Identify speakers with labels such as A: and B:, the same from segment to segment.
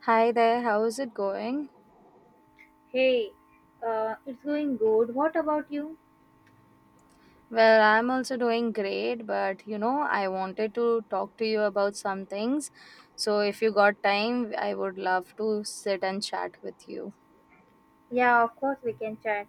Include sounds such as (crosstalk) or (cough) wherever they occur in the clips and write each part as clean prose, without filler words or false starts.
A: Hi there, how's it going?
B: Hey, it's going good. What about you?
A: Well, I'm also doing great, but you know, I wanted to talk to you about some things. So, if you got time, I would love to sit and chat with you.
B: Yeah, of course we can chat.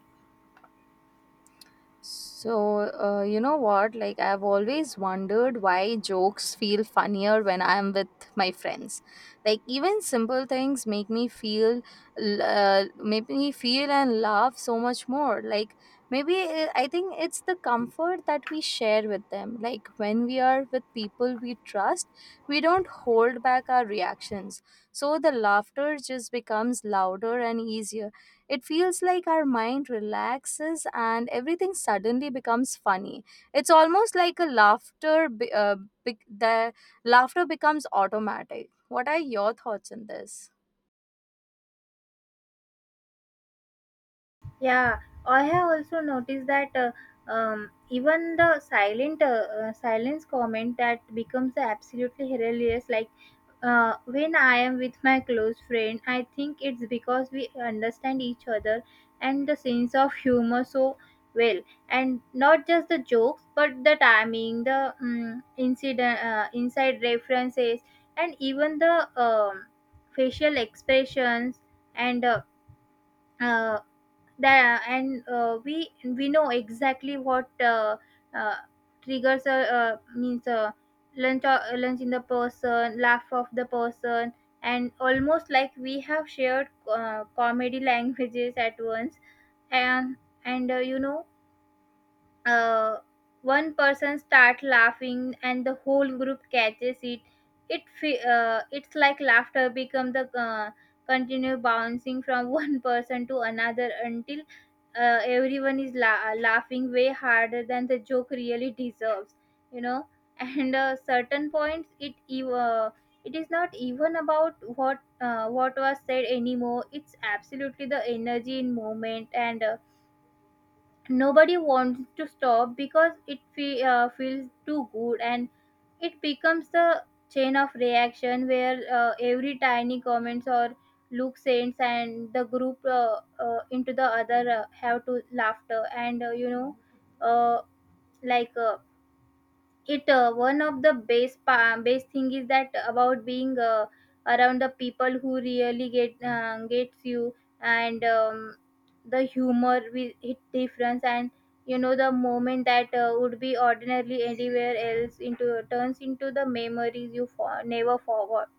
A: So, you know what? Like, I've always wondered why jokes feel funnier when I'm with my friends. Like, even simple things make me make me feel and laugh so much more. Like, maybe, I think it's the comfort that we share with them. Like, when we are with people we trust, we don't hold back our reactions. So, the laughter just becomes louder and easier. It feels like our mind relaxes and everything suddenly becomes funny. It's almost like a laughter, be- the laughter becomes automatic. What are your thoughts on this?
B: Yeah, I have also noticed that even the silent silence comment that becomes absolutely hilarious. Like when I am with my close friend, I think it's because we understand each other and the sense of humor so well, and not just the jokes, but the timing, the inside references, and even the facial expressions and. Uh, uh, and we know exactly what uh, triggers means lunch lunch in the person laugh of the person, and almost like we have shared comedy (laughs) languages at once, and you know, uh, one person start laughing and the whole group catches it. It fe- it's like laughter become the continue bouncing from (laughs) one person to another until everyone is laughing way harder than the joke really deserves, you know. (laughs) And certain points it is not even about what was said anymore. It's absolutely the energy in moment, and nobody wants to stop because it feels too good. And it becomes the chain of reaction where every tiny comments or look sends and the group into the other have to laughter. And, you know, uh, like uh, it one of the base thing is that about being around the people who really gets you. And the humor with it difference, and you know, the moment that would be ordinarily anywhere else into turns into the memories you never forgot.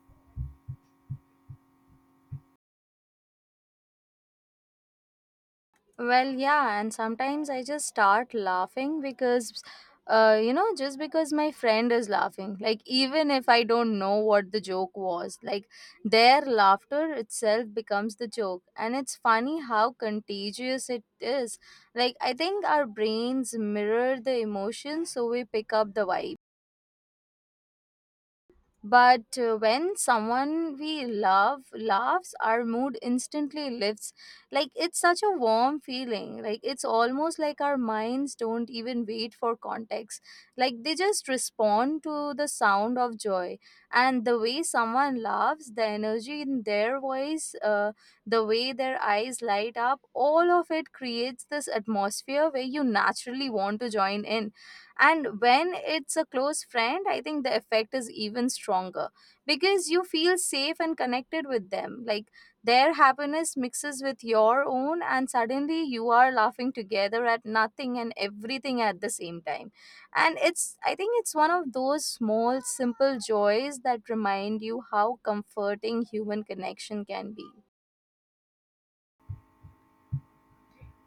A: Well, yeah, and sometimes I just start laughing because, you know, just because my friend is laughing. Like, even if I don't know what the joke was, like, their laughter itself becomes the joke. And it's funny how contagious it is. Like, I think our brains mirror the emotions, so we pick up the vibe. But when someone we love laughs, our mood instantly lifts. Like, it's such a warm feeling. Like, it's almost like our minds don't even wait for context. Like, they just respond to the sound of joy. And the way someone laughs, the energy in their voice, the way their eyes light up, all of it creates this atmosphere where you naturally want to join in. And when it's a close friend, I think the effect is even stronger, because you feel safe and connected with them. Like, their happiness mixes with your own, and suddenly you are laughing together at nothing and everything at the same time. And it's I think it's one of those small simple joys that remind you how comforting human connection can be.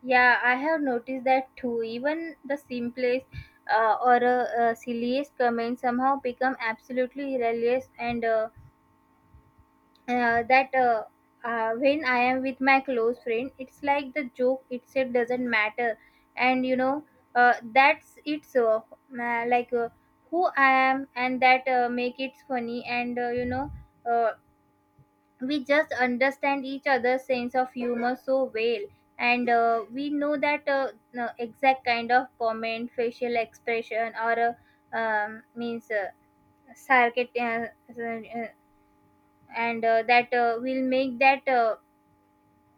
B: Yeah, I have noticed that too. Even the simplest or silliest comments somehow become absolutely hilarious. And that When I am with my close friend, it's like the joke itself doesn't matter, and you know, that's it's like who I am, and that make it funny, and you know, uh, we just understand each other's sense of humor so well. And we know that no, exact kind of comment, facial expression, or means sarcasm, and that will make that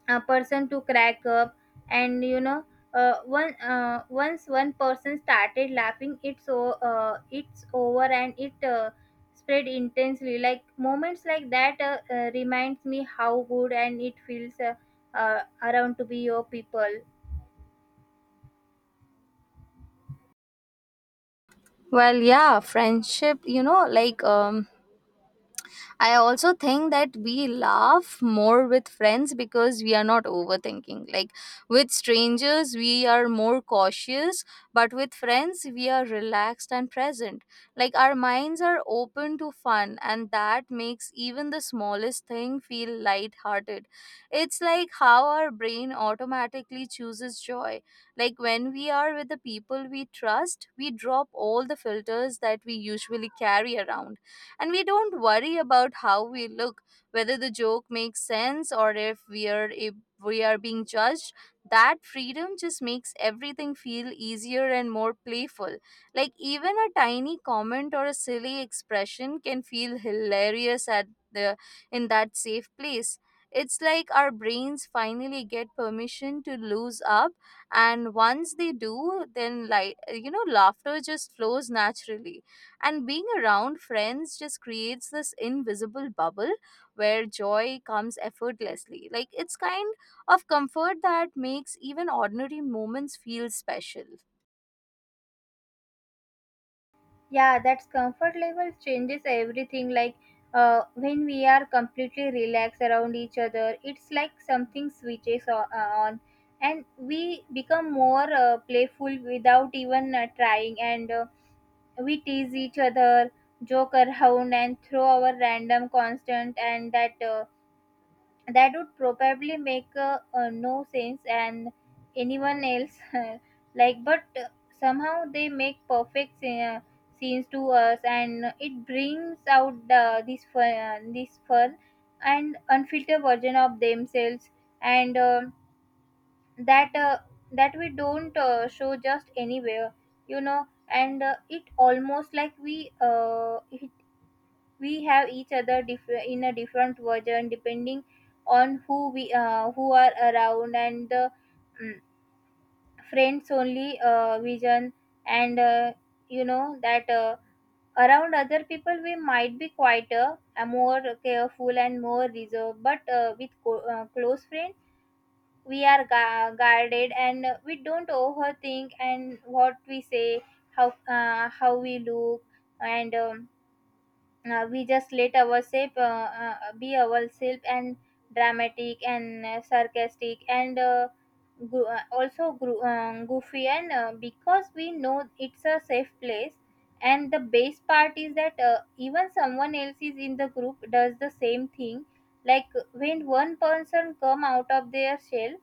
B: a person to crack up. And you know, one once one person started laughing, it's over, and it spread intensely. Like moments like that reminds me how good and it feels, around to be your people.
A: Well, yeah, friendship, you know, like, I also think that we laugh more with friends because we are not overthinking. Like, with strangers, we are more cautious, but with friends, we are relaxed and present. Like, our minds are open to fun, and that makes even the smallest thing feel lighthearted. It's like how our brain automatically chooses joy. Like, when we are with the people we trust, we drop all the filters that we usually carry around, and we don't worry about how we look, whether the joke makes sense, or if we are being judged. That freedom just makes everything feel easier and more playful. Like, even a tiny comment or a silly expression can feel hilarious at the in that safe place. It's like our brains finally get permission to lose up, and once they do, then, like, you know, laughter just flows naturally, and being around friends just creates this invisible bubble where joy comes effortlessly. Like, it's kind of comfort that makes even ordinary moments feel special.
B: Yeah, that's comfort level changes everything. Like when we are completely relaxed around each other, it's like something switches on, and we become more playful without even trying. And we tease each other, joke around, and throw our random constant and that. That would probably make no sense and anyone else (laughs) like, but somehow they make perfect scenes to us, and it brings out this fun and unfiltered version of themselves, and that uh, that we don't show just anywhere, you know. And it almost like we have each other in a different version depending on who are around, and the mm, friends only vision. And you know, that around other people we might be quieter, more careful and more reserved, but with close friends we are guarded, and we don't overthink and what we say, how we look, and we just let ourselves be ourselves, and dramatic and sarcastic, and goofy, and because we know it's a safe place. And the best part is that even someone else is in the group does the same thing. Like, when one person come out of their shell,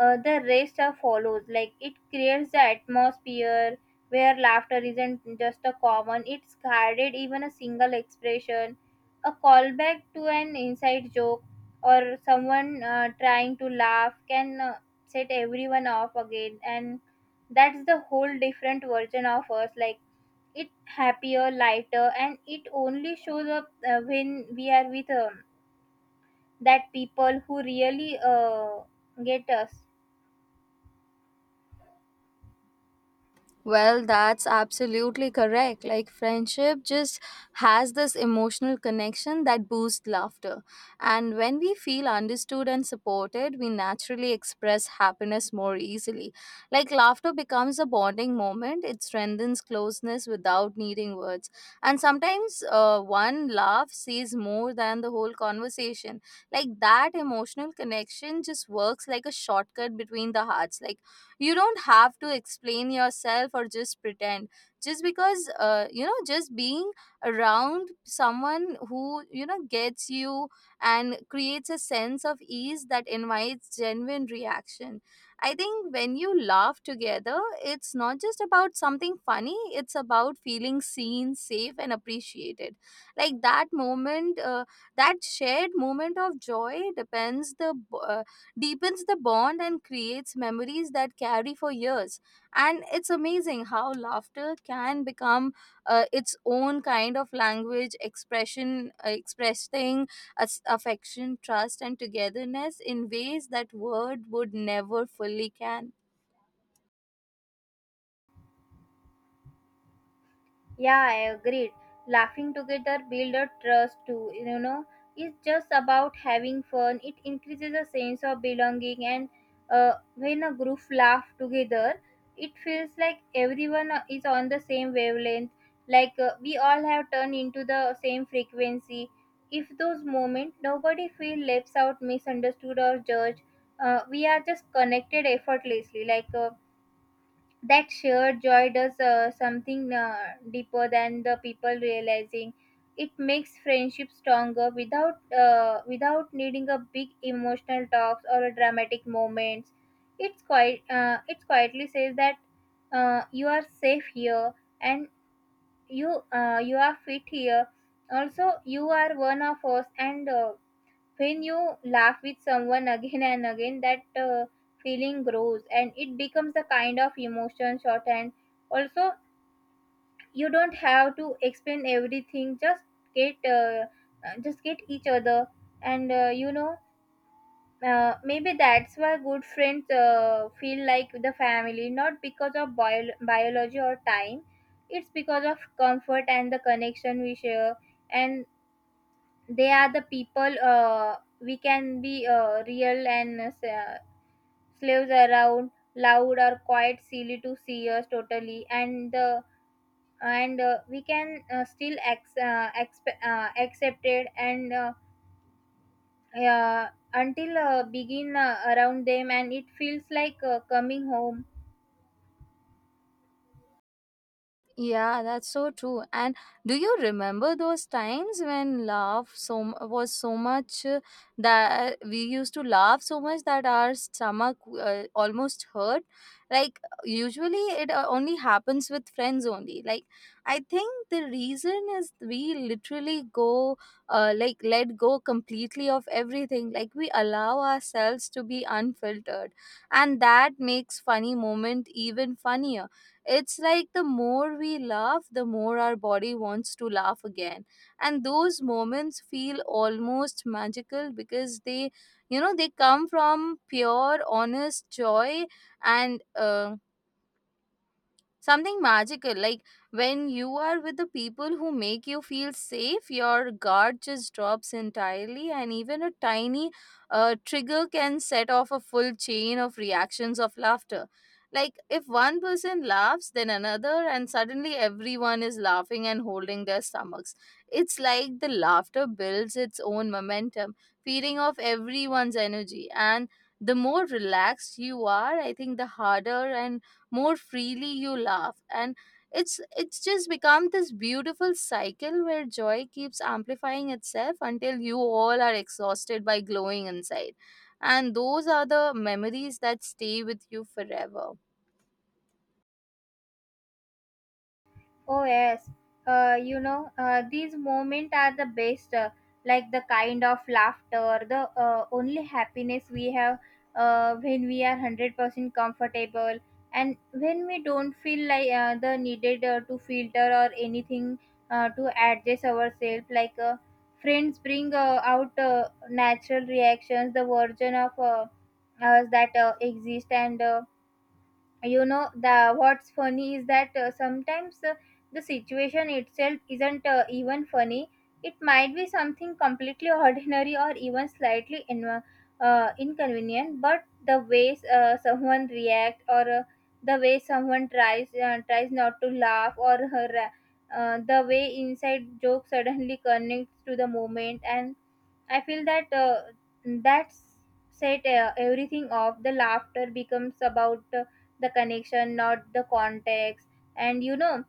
B: the rest are follows. Like it creates the atmosphere where laughter isn't just a common, it's guarded. Even a single expression, a callback to an inside joke, or someone trying to laugh can set everyone off again. And that's the whole different version of us. Like, it happier, lighter, and it only shows up when we are with that people who really get us.
A: Well, that's absolutely correct. Like, friendship just has this emotional connection that boosts laughter. And when we feel understood and supported, we naturally express happiness more easily. Like, laughter becomes a bonding moment, it strengthens closeness without needing words. And sometimes one laugh says more than the whole conversation. Like, that emotional connection just works like a shortcut between the hearts. Like, you don't have to explain yourself or just pretend, just because, you know, just being around someone who, you know, gets you and creates a sense of ease that invites genuine reaction. I think when you laugh together, it's not just about something funny, it's about feeling seen, safe, and appreciated. Like, that moment, that shared moment of joy depends the uh, deepens the bond and creates memories that carry for years. And it's amazing how laughter can become its own kind of language, expressing affection, trust, and togetherness in ways that word would never fully can.
B: Yeah, I agreed. Laughing together build a trust too. You know, it's just about having fun. It increases a sense of belonging. And when a group laugh together, it feels like everyone is on the same wavelength. Like we all have turned into the same frequency. If those moments nobody feel left out, misunderstood or judged, we are just connected effortlessly. Like. That shared joy does something deeper than the people realizing. It makes friendship stronger without without needing a big emotional talks or a dramatic moments. It quietly says that, you are safe here, and you are fit here, also you are one of us. And when you laugh with someone again and again, that feeling grows, and it becomes a kind of emotion shorthand. Also, you don't have to explain everything, get uh, just get each other. And you know, maybe that's why good friends feel like the family, not because of biology or time. It's because of comfort and the connection we share. And they are the people we can be real, and slaves around loud or quite silly to see us totally. And we can still accept it, and uh, until begin around them, and it feels like coming home.
A: Yeah, that's so true. And do you remember those times when laugh so m- was so much that we used to laugh so much that our stomach almost hurt? Like, usually it only happens with friends only. Like, I think the reason is we literally go like let go completely of everything. Like, we allow ourselves to be unfiltered, and that makes funny moment even funnier. It's like the more we laugh, the more our body wants to laugh again. And those moments feel almost magical because they, you know, they come from pure, honest joy, and, something magical. Like, when you are with the people who make you feel safe, your guard just drops entirely, and even a tiny trigger can set off a full chain of reactions of laughter. Like, if one person laughs, then another, and suddenly everyone is laughing and holding their stomachs. It's like the laughter builds its own momentum, feeding off everyone's energy. And the more relaxed you are, I think, the harder and more freely you laugh, and it's just become this beautiful cycle where joy keeps amplifying itself until you all are exhausted by glowing inside, and those are the memories that stay with you forever.
B: Oh yes, you know, these moments are the best. Like the kind of laughter, the only happiness we have when we are 100% comfortable, and when we don't feel like the needed to filter or anything to adjust ourselves. Like friends bring out natural reactions, the version of us that exist and. You know, the what's funny is that sometimes the situation itself isn't even funny. It might be something completely (laughs) ordinary or even slightly inconvenient, but the way someone reacts, or the way someone tries not to laugh, or the way inside joke suddenly connects to the moment. And I feel that, that's set everything off. The laughter becomes about the connection, not the context. And you know,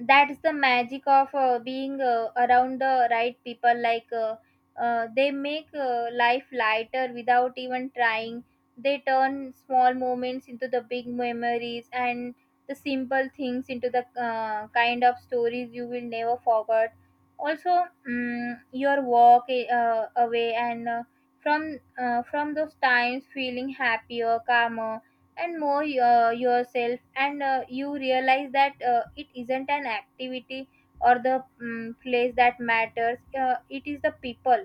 B: that's the magic of being around the right people. Like, they make life lighter without even trying. They turn small moments into the big memories, and the simple things into the kind of stories you will never forget. Also, your walk away and from those times feeling happier, calmer, and more yourself. And you realize that it isn't an activity or the place that matters. It is the people.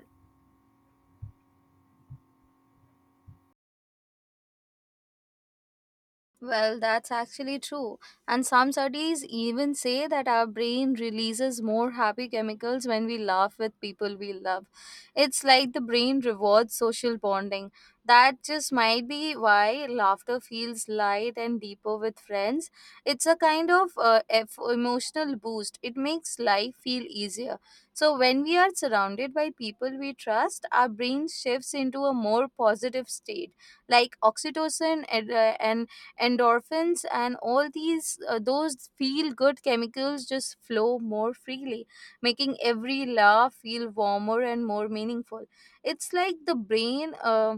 A: Well, that's actually true. And some studies even say that our brain releases more happy chemicals when we laugh with people we love. It's like the brain rewards social bonding. That just might be why laughter feels light and deeper with friends. It's a kind of emotional boost. It makes life feel easier. So, when we are surrounded by people we trust, our brain shifts into a more positive state. Like, oxytocin and endorphins, and all these, those feel good chemicals just flow more freely, making every laugh feel warmer and more meaningful. It's like the brain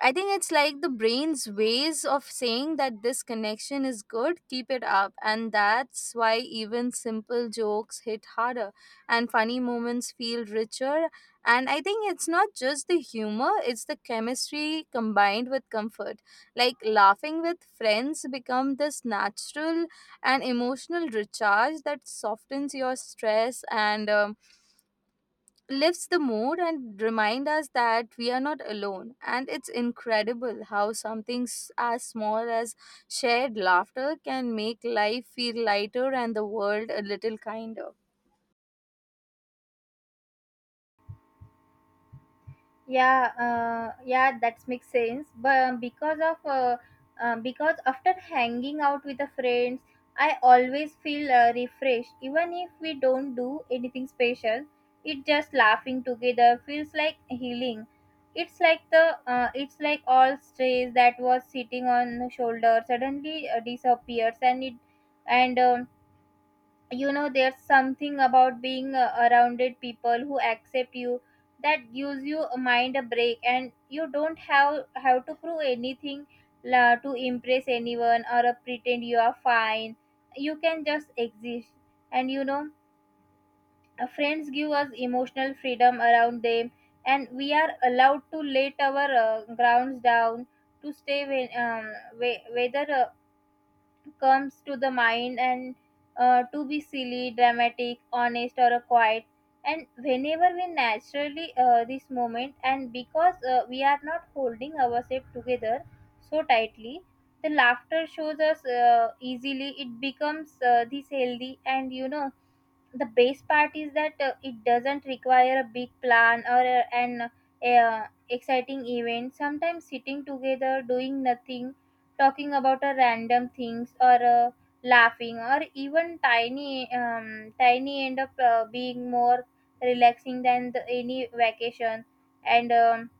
A: i think it's like the brain's ways of saying that this connection is good, keep it up. And that's why even simple jokes hit harder and funny moments feel richer. And I think it's not just the humor, it's the chemistry combined with comfort. Like, laughing with friends become this natural and emotional recharge that softens your stress, and lifts the mood and remind us that we are not alone. And it's incredible how something as small as shared laughter can make life feel lighter and the world a little kinder.
B: Yeah, yeah, that makes sense. But um, because of uh, uh, because after hanging out with the friends, I always feel refreshed, even if we don't do anything special. It just laughing together feels like healing. It's like all stress that was sitting on the shoulder suddenly disappears. And it and You know, there's something about being arounded people who accept you, that gives you a mind a break, and you don't have to prove anything, to impress anyone, or pretend you are fine. You can just exist. And you know, friends give us emotional freedom around them, and we are allowed to let our grounds down, to stay when whether comes to the mind, and to be silly, dramatic, honest, or quiet. And whenever we naturally this moment, and because we are not holding ourselves together so tightly, the laughter shows us easily. It becomes this healthy. And the best part is that it doesn't require a big plan or an exciting event. Sometimes sitting together doing nothing, talking about a random things, or laughing or even tiny, end up being more relaxing than any vacation. and um,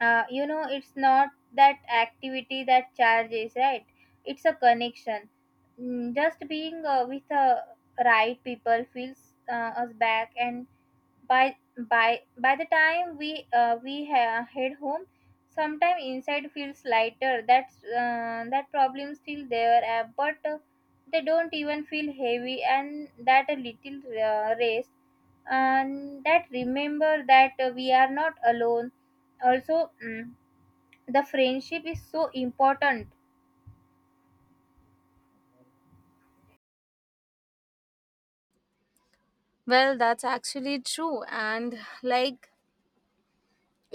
B: uh, you know it's not that activity that charges, right? It's a connection. Mm, just being with the right people feels us back. And by by by the time we head home, sometime inside feels lighter. That's that problem still there, but they don't even feel heavy. And that a little rest, and that remember that we are not alone also. Mm, the friendship is so important.
A: Well, that's actually true. And like,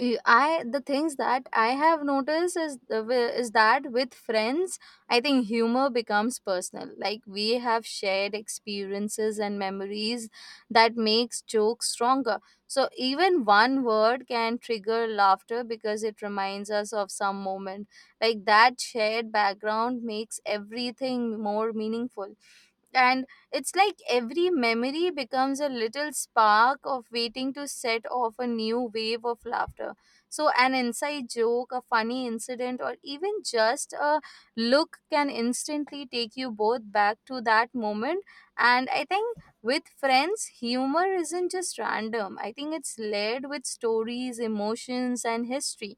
A: Y- I the things that I have noticed is that with friends, I think humor becomes personal. Like, we have shared experiences and memories that makes jokes stronger. So, even one word can trigger laughter because it reminds us of some moment. Like, that shared background makes everything more meaningful. And it's like every memory becomes a little spark of waiting to set off a new wave of laughter. So, an inside joke, a funny incident, or even just a look can instantly take you both back to that moment. And I think with friends, humor isn't just random, I think it's layered with stories, emotions, and history.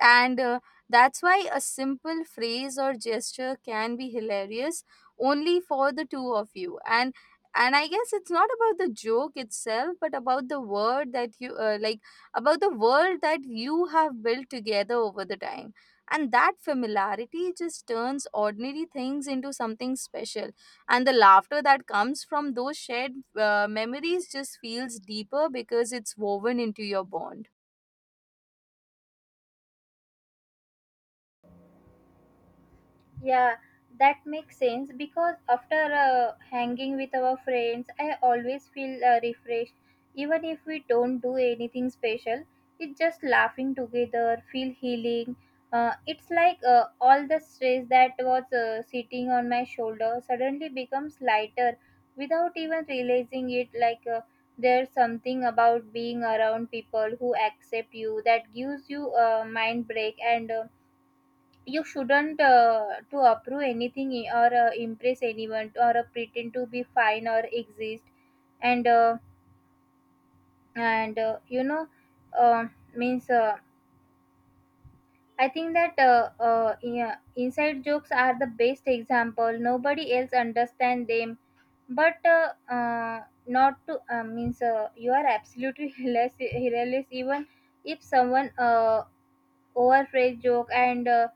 A: And, that's why a simple phrase or gesture can be hilarious only for the two of you. And I guess it's not about the joke itself, but about the word that you like about the world that you have built together over the time. And that familiarity just turns ordinary things into something special, and the laughter that comes from those shared memories just feels deeper because it's woven into your bond.
B: Yeah, that makes sense because after hanging with our friends, I always feel refreshed. Even if we don't do anything special, it's just laughing together, feel healing. It's like all the stress that was sitting on my shoulder suddenly becomes lighter without even realizing it. Like there's something about being around people who accept you that gives you a mind break. And You shouldn't to approve anything or impress anyone or pretend to be fine or exist. And and you know uh, means I think that yeah, inside jokes are the best example. Nobody else understand them, but not to means you are absolutely (laughs) hilarious, hilarious. Even if someone overphrase joke, and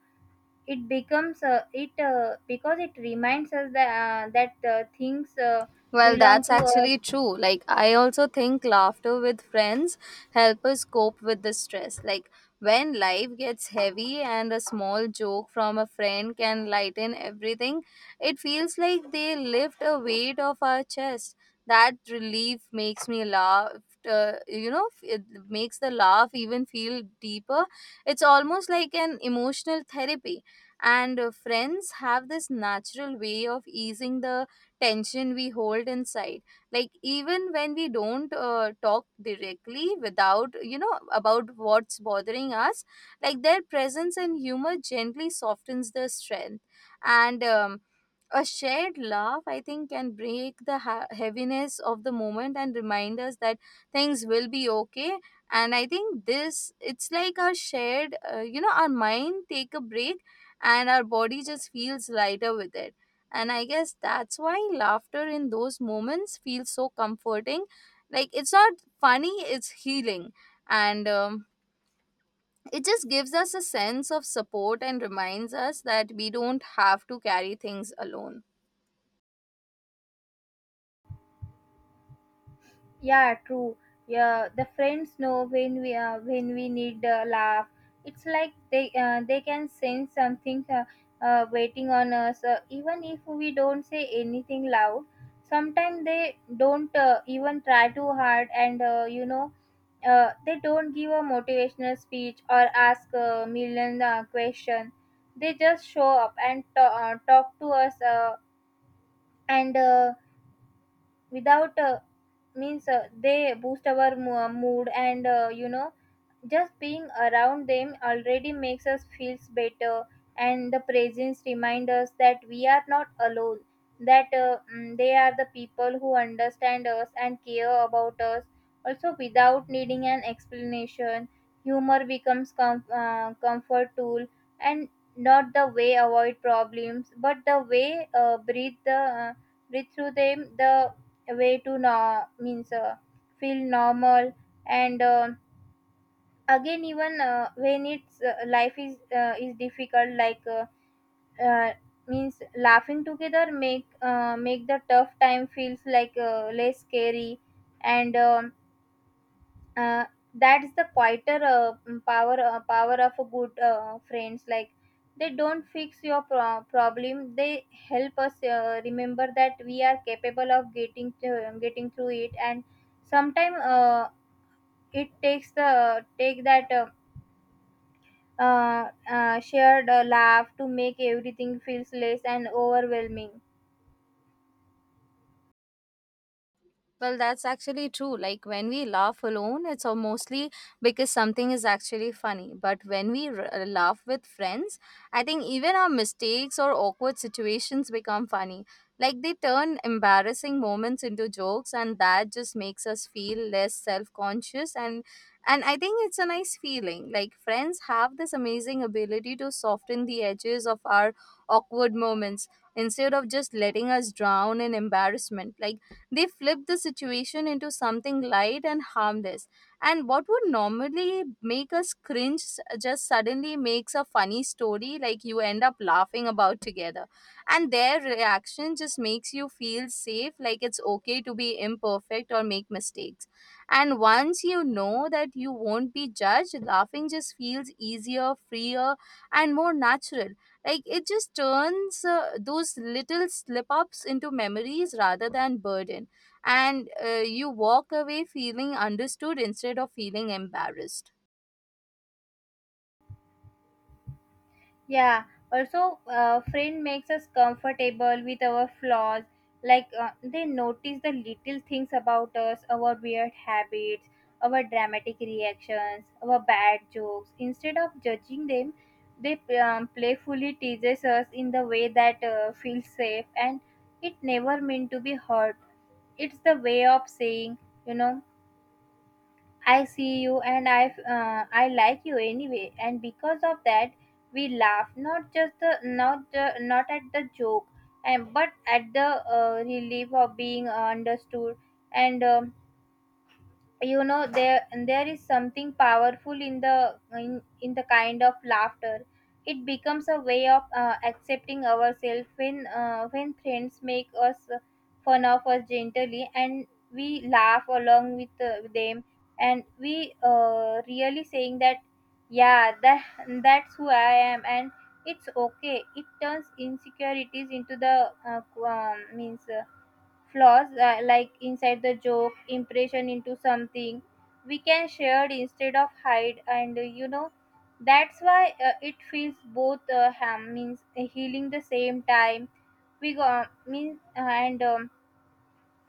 B: it becomes it because it reminds us that, things
A: Well,
B: belong
A: that's
B: to us.
A: actually true. Like, I also think laughter with friends help us cope with the stress. Like, when life gets heavy and a small joke from a friend can lighten everything, it feels like they lift a weight off our chest. That relief makes me laugh. You know, it makes the laugh even feel deeper. It's almost like an emotional therapy. And friends have this natural way of easing the tension we hold inside. Like, even when we don't talk directly, without, you know, about what's bothering us, like, their presence and humor gently softens the strength. And a shared laugh, I think, can break the heaviness of the moment and remind us that things will be okay. And I think this, it's like our shared, you know, our mind take a break, and our body just feels lighter with it. And I guess that's why laughter in those moments feels so comforting. Like, it's not funny, it's healing. And, it just gives us a sense of support and reminds us that we don't have to carry things alone.
B: Yeah, true. Yeah, the friends know when we need a laugh. It's like they can sense something waiting on us, even if we don't say anything loud. Sometimes they don't even try too hard, and they don't give a motivational speech or ask a million question. They just show up and talk to us, and without means they boost our mood. And uh, you know just being around them already makes us feels better, and the presence remind us that we are not alone, that they are the people who understand us and care about us, also without needing an explanation. Humor becomes comfort tool, and not the way avoid problems but the way breathe through them, the way to no means feel normal. And Again, even when it's life is difficult, like uh, means laughing together make make the tough time feels like less scary. And uh, that's the quieter power of a good friends. Like, they don't fix your problem, they help us remember that we are capable of getting through it. And sometimes it takes the take that shared laugh to make everything feels less and overwhelming.
A: Well, that's actually true. Like, when we laugh alone, it's mostly because something is actually funny. But when we laugh with friends, I think even our mistakes or awkward situations become funny. Like, they turn embarrassing moments into jokes, and that just makes us feel less self conscious. And I think it's a nice feeling. Like, friends have this amazing ability to soften the edges of our awkward moments instead of just letting us drown in embarrassment. Like, they flip the situation into something light and harmless. And what would normally make us cringe just suddenly makes a funny story like you end up laughing about together. And their reaction just makes you feel safe, like it's okay to be imperfect or make mistakes. And once you know that you won't be judged, laughing just feels easier, freer, and more natural. Like, it just turns those little slip ups into memories rather than burden. And you walk away feeling understood instead of feeling embarrassed.
B: Yeah, also, a friend makes us comfortable with our flaws. Like, they notice the little things about us, our weird habits, our dramatic reactions, our bad jokes. Instead of judging them, they playfully teases us in the way that feels safe, and it never meant to be hurt. It's the way of saying, you know, I see you and I like you anyway. And because of that, we laugh, not just the, not at the joke, and but at the relief of being understood. And um, you know there is something powerful in in the kind of laughter. It becomes a way of accepting ourselves. When when friends make us fun of us gently and we laugh along with them, and we really saying that, yeah that that's who I am, and it's okay. It turns insecurities into the qu- means flaws, like inside the joke impression, into something we can share instead of hide. And uh, you know that's why it feels both ham means healing the same time. We go mean and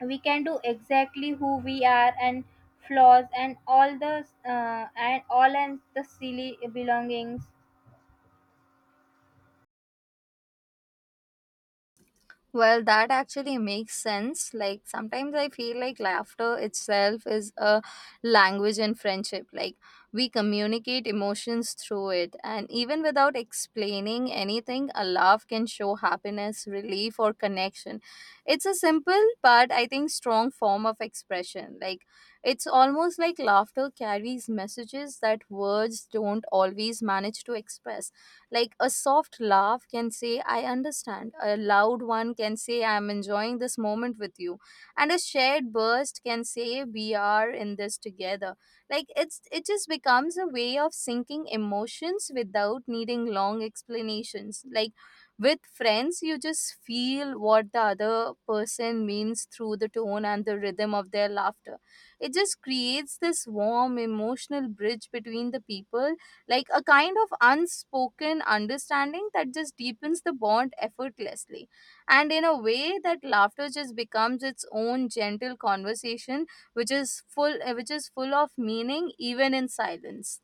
B: we can do exactly who we are, and flaws and all the and all and the silly belongings.
A: Well, that actually makes sense. Like, sometimes I feel like laughter itself is a language in friendship. Like, we communicate emotions through it. And even without explaining anything, a laugh can show happiness, relief, or connection. It's a simple but I think strong form of expression. Like, it's almost like laughter carries messages that words don't always manage to express. Like, a soft laugh can say, I understand. A loud one can say, I'm enjoying this moment with you. And a shared burst can say, we are in this together. Like, it's it just becomes a way of syncing emotions without needing long explanations. Like, with friends, you just feel what the other person means through the tone and the rhythm of their laughter. It just creates this warm emotional bridge between the people, like a kind of unspoken understanding that just deepens the bond effortlessly. And in a way, that laughter just becomes its own gentle conversation, which is full of meaning even in silence.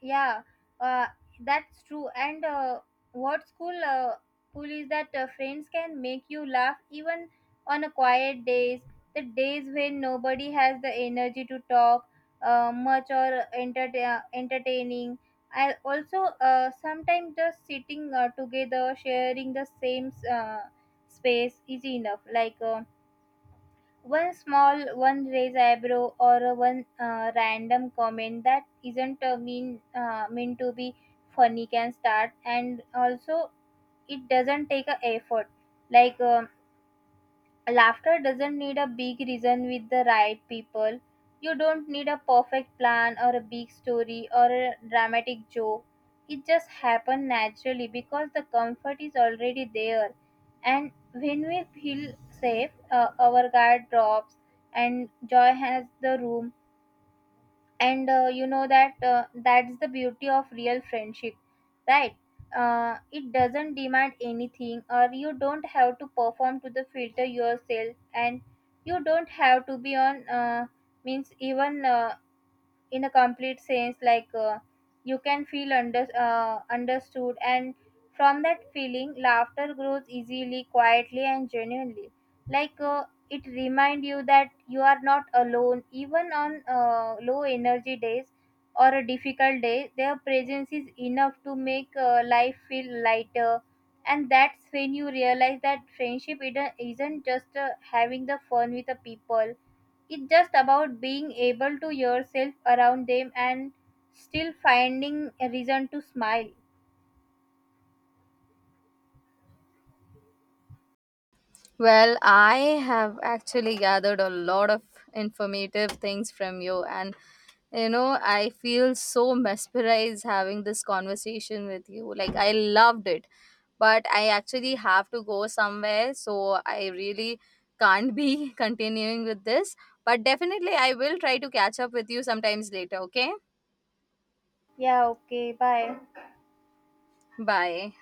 B: Yeah, uh, that's true. And What school cool is that friends can make you laugh even on a quiet days, the days when nobody has the energy to talk much or entertaining. I also sometimes just sitting together sharing the same space is enough. Like one raised eyebrow, or a one random comment that isn't meant to be funny can start. And also it doesn't take a effort. Like laughter doesn't need a big reason with the right people. You don't need a perfect plan or a big story or a dramatic joke. It just happens naturally because the comfort is already there. And when we feel safe, our guard drops and joy has the room. And you know that That's the beauty of real friendship, right? It doesn't demand anything, or you don't have to perform to the filter yourself, and you don't have to be on means even in a complete sense. Like you can feel understood, and from that feeling laughter grows easily, quietly, and genuinely. Like it remind you that you are not alone, even on low energy days or a difficult day. Their presence is enough to make life feel lighter. And that's when you realize that friendship isn't just having the fun with the people, it's just about being able to yourself around them and still finding a reason to smile.
A: Well, I have actually gathered a lot of informative things from you, and you know, I feel so mesmerized having this conversation with you. Like, I loved it, but I actually have to go somewhere, so I really can't be (laughs) continuing with this. But definitely, I will try to catch up with you sometimes later, okay?
B: Yeah, okay, bye.
A: Bye.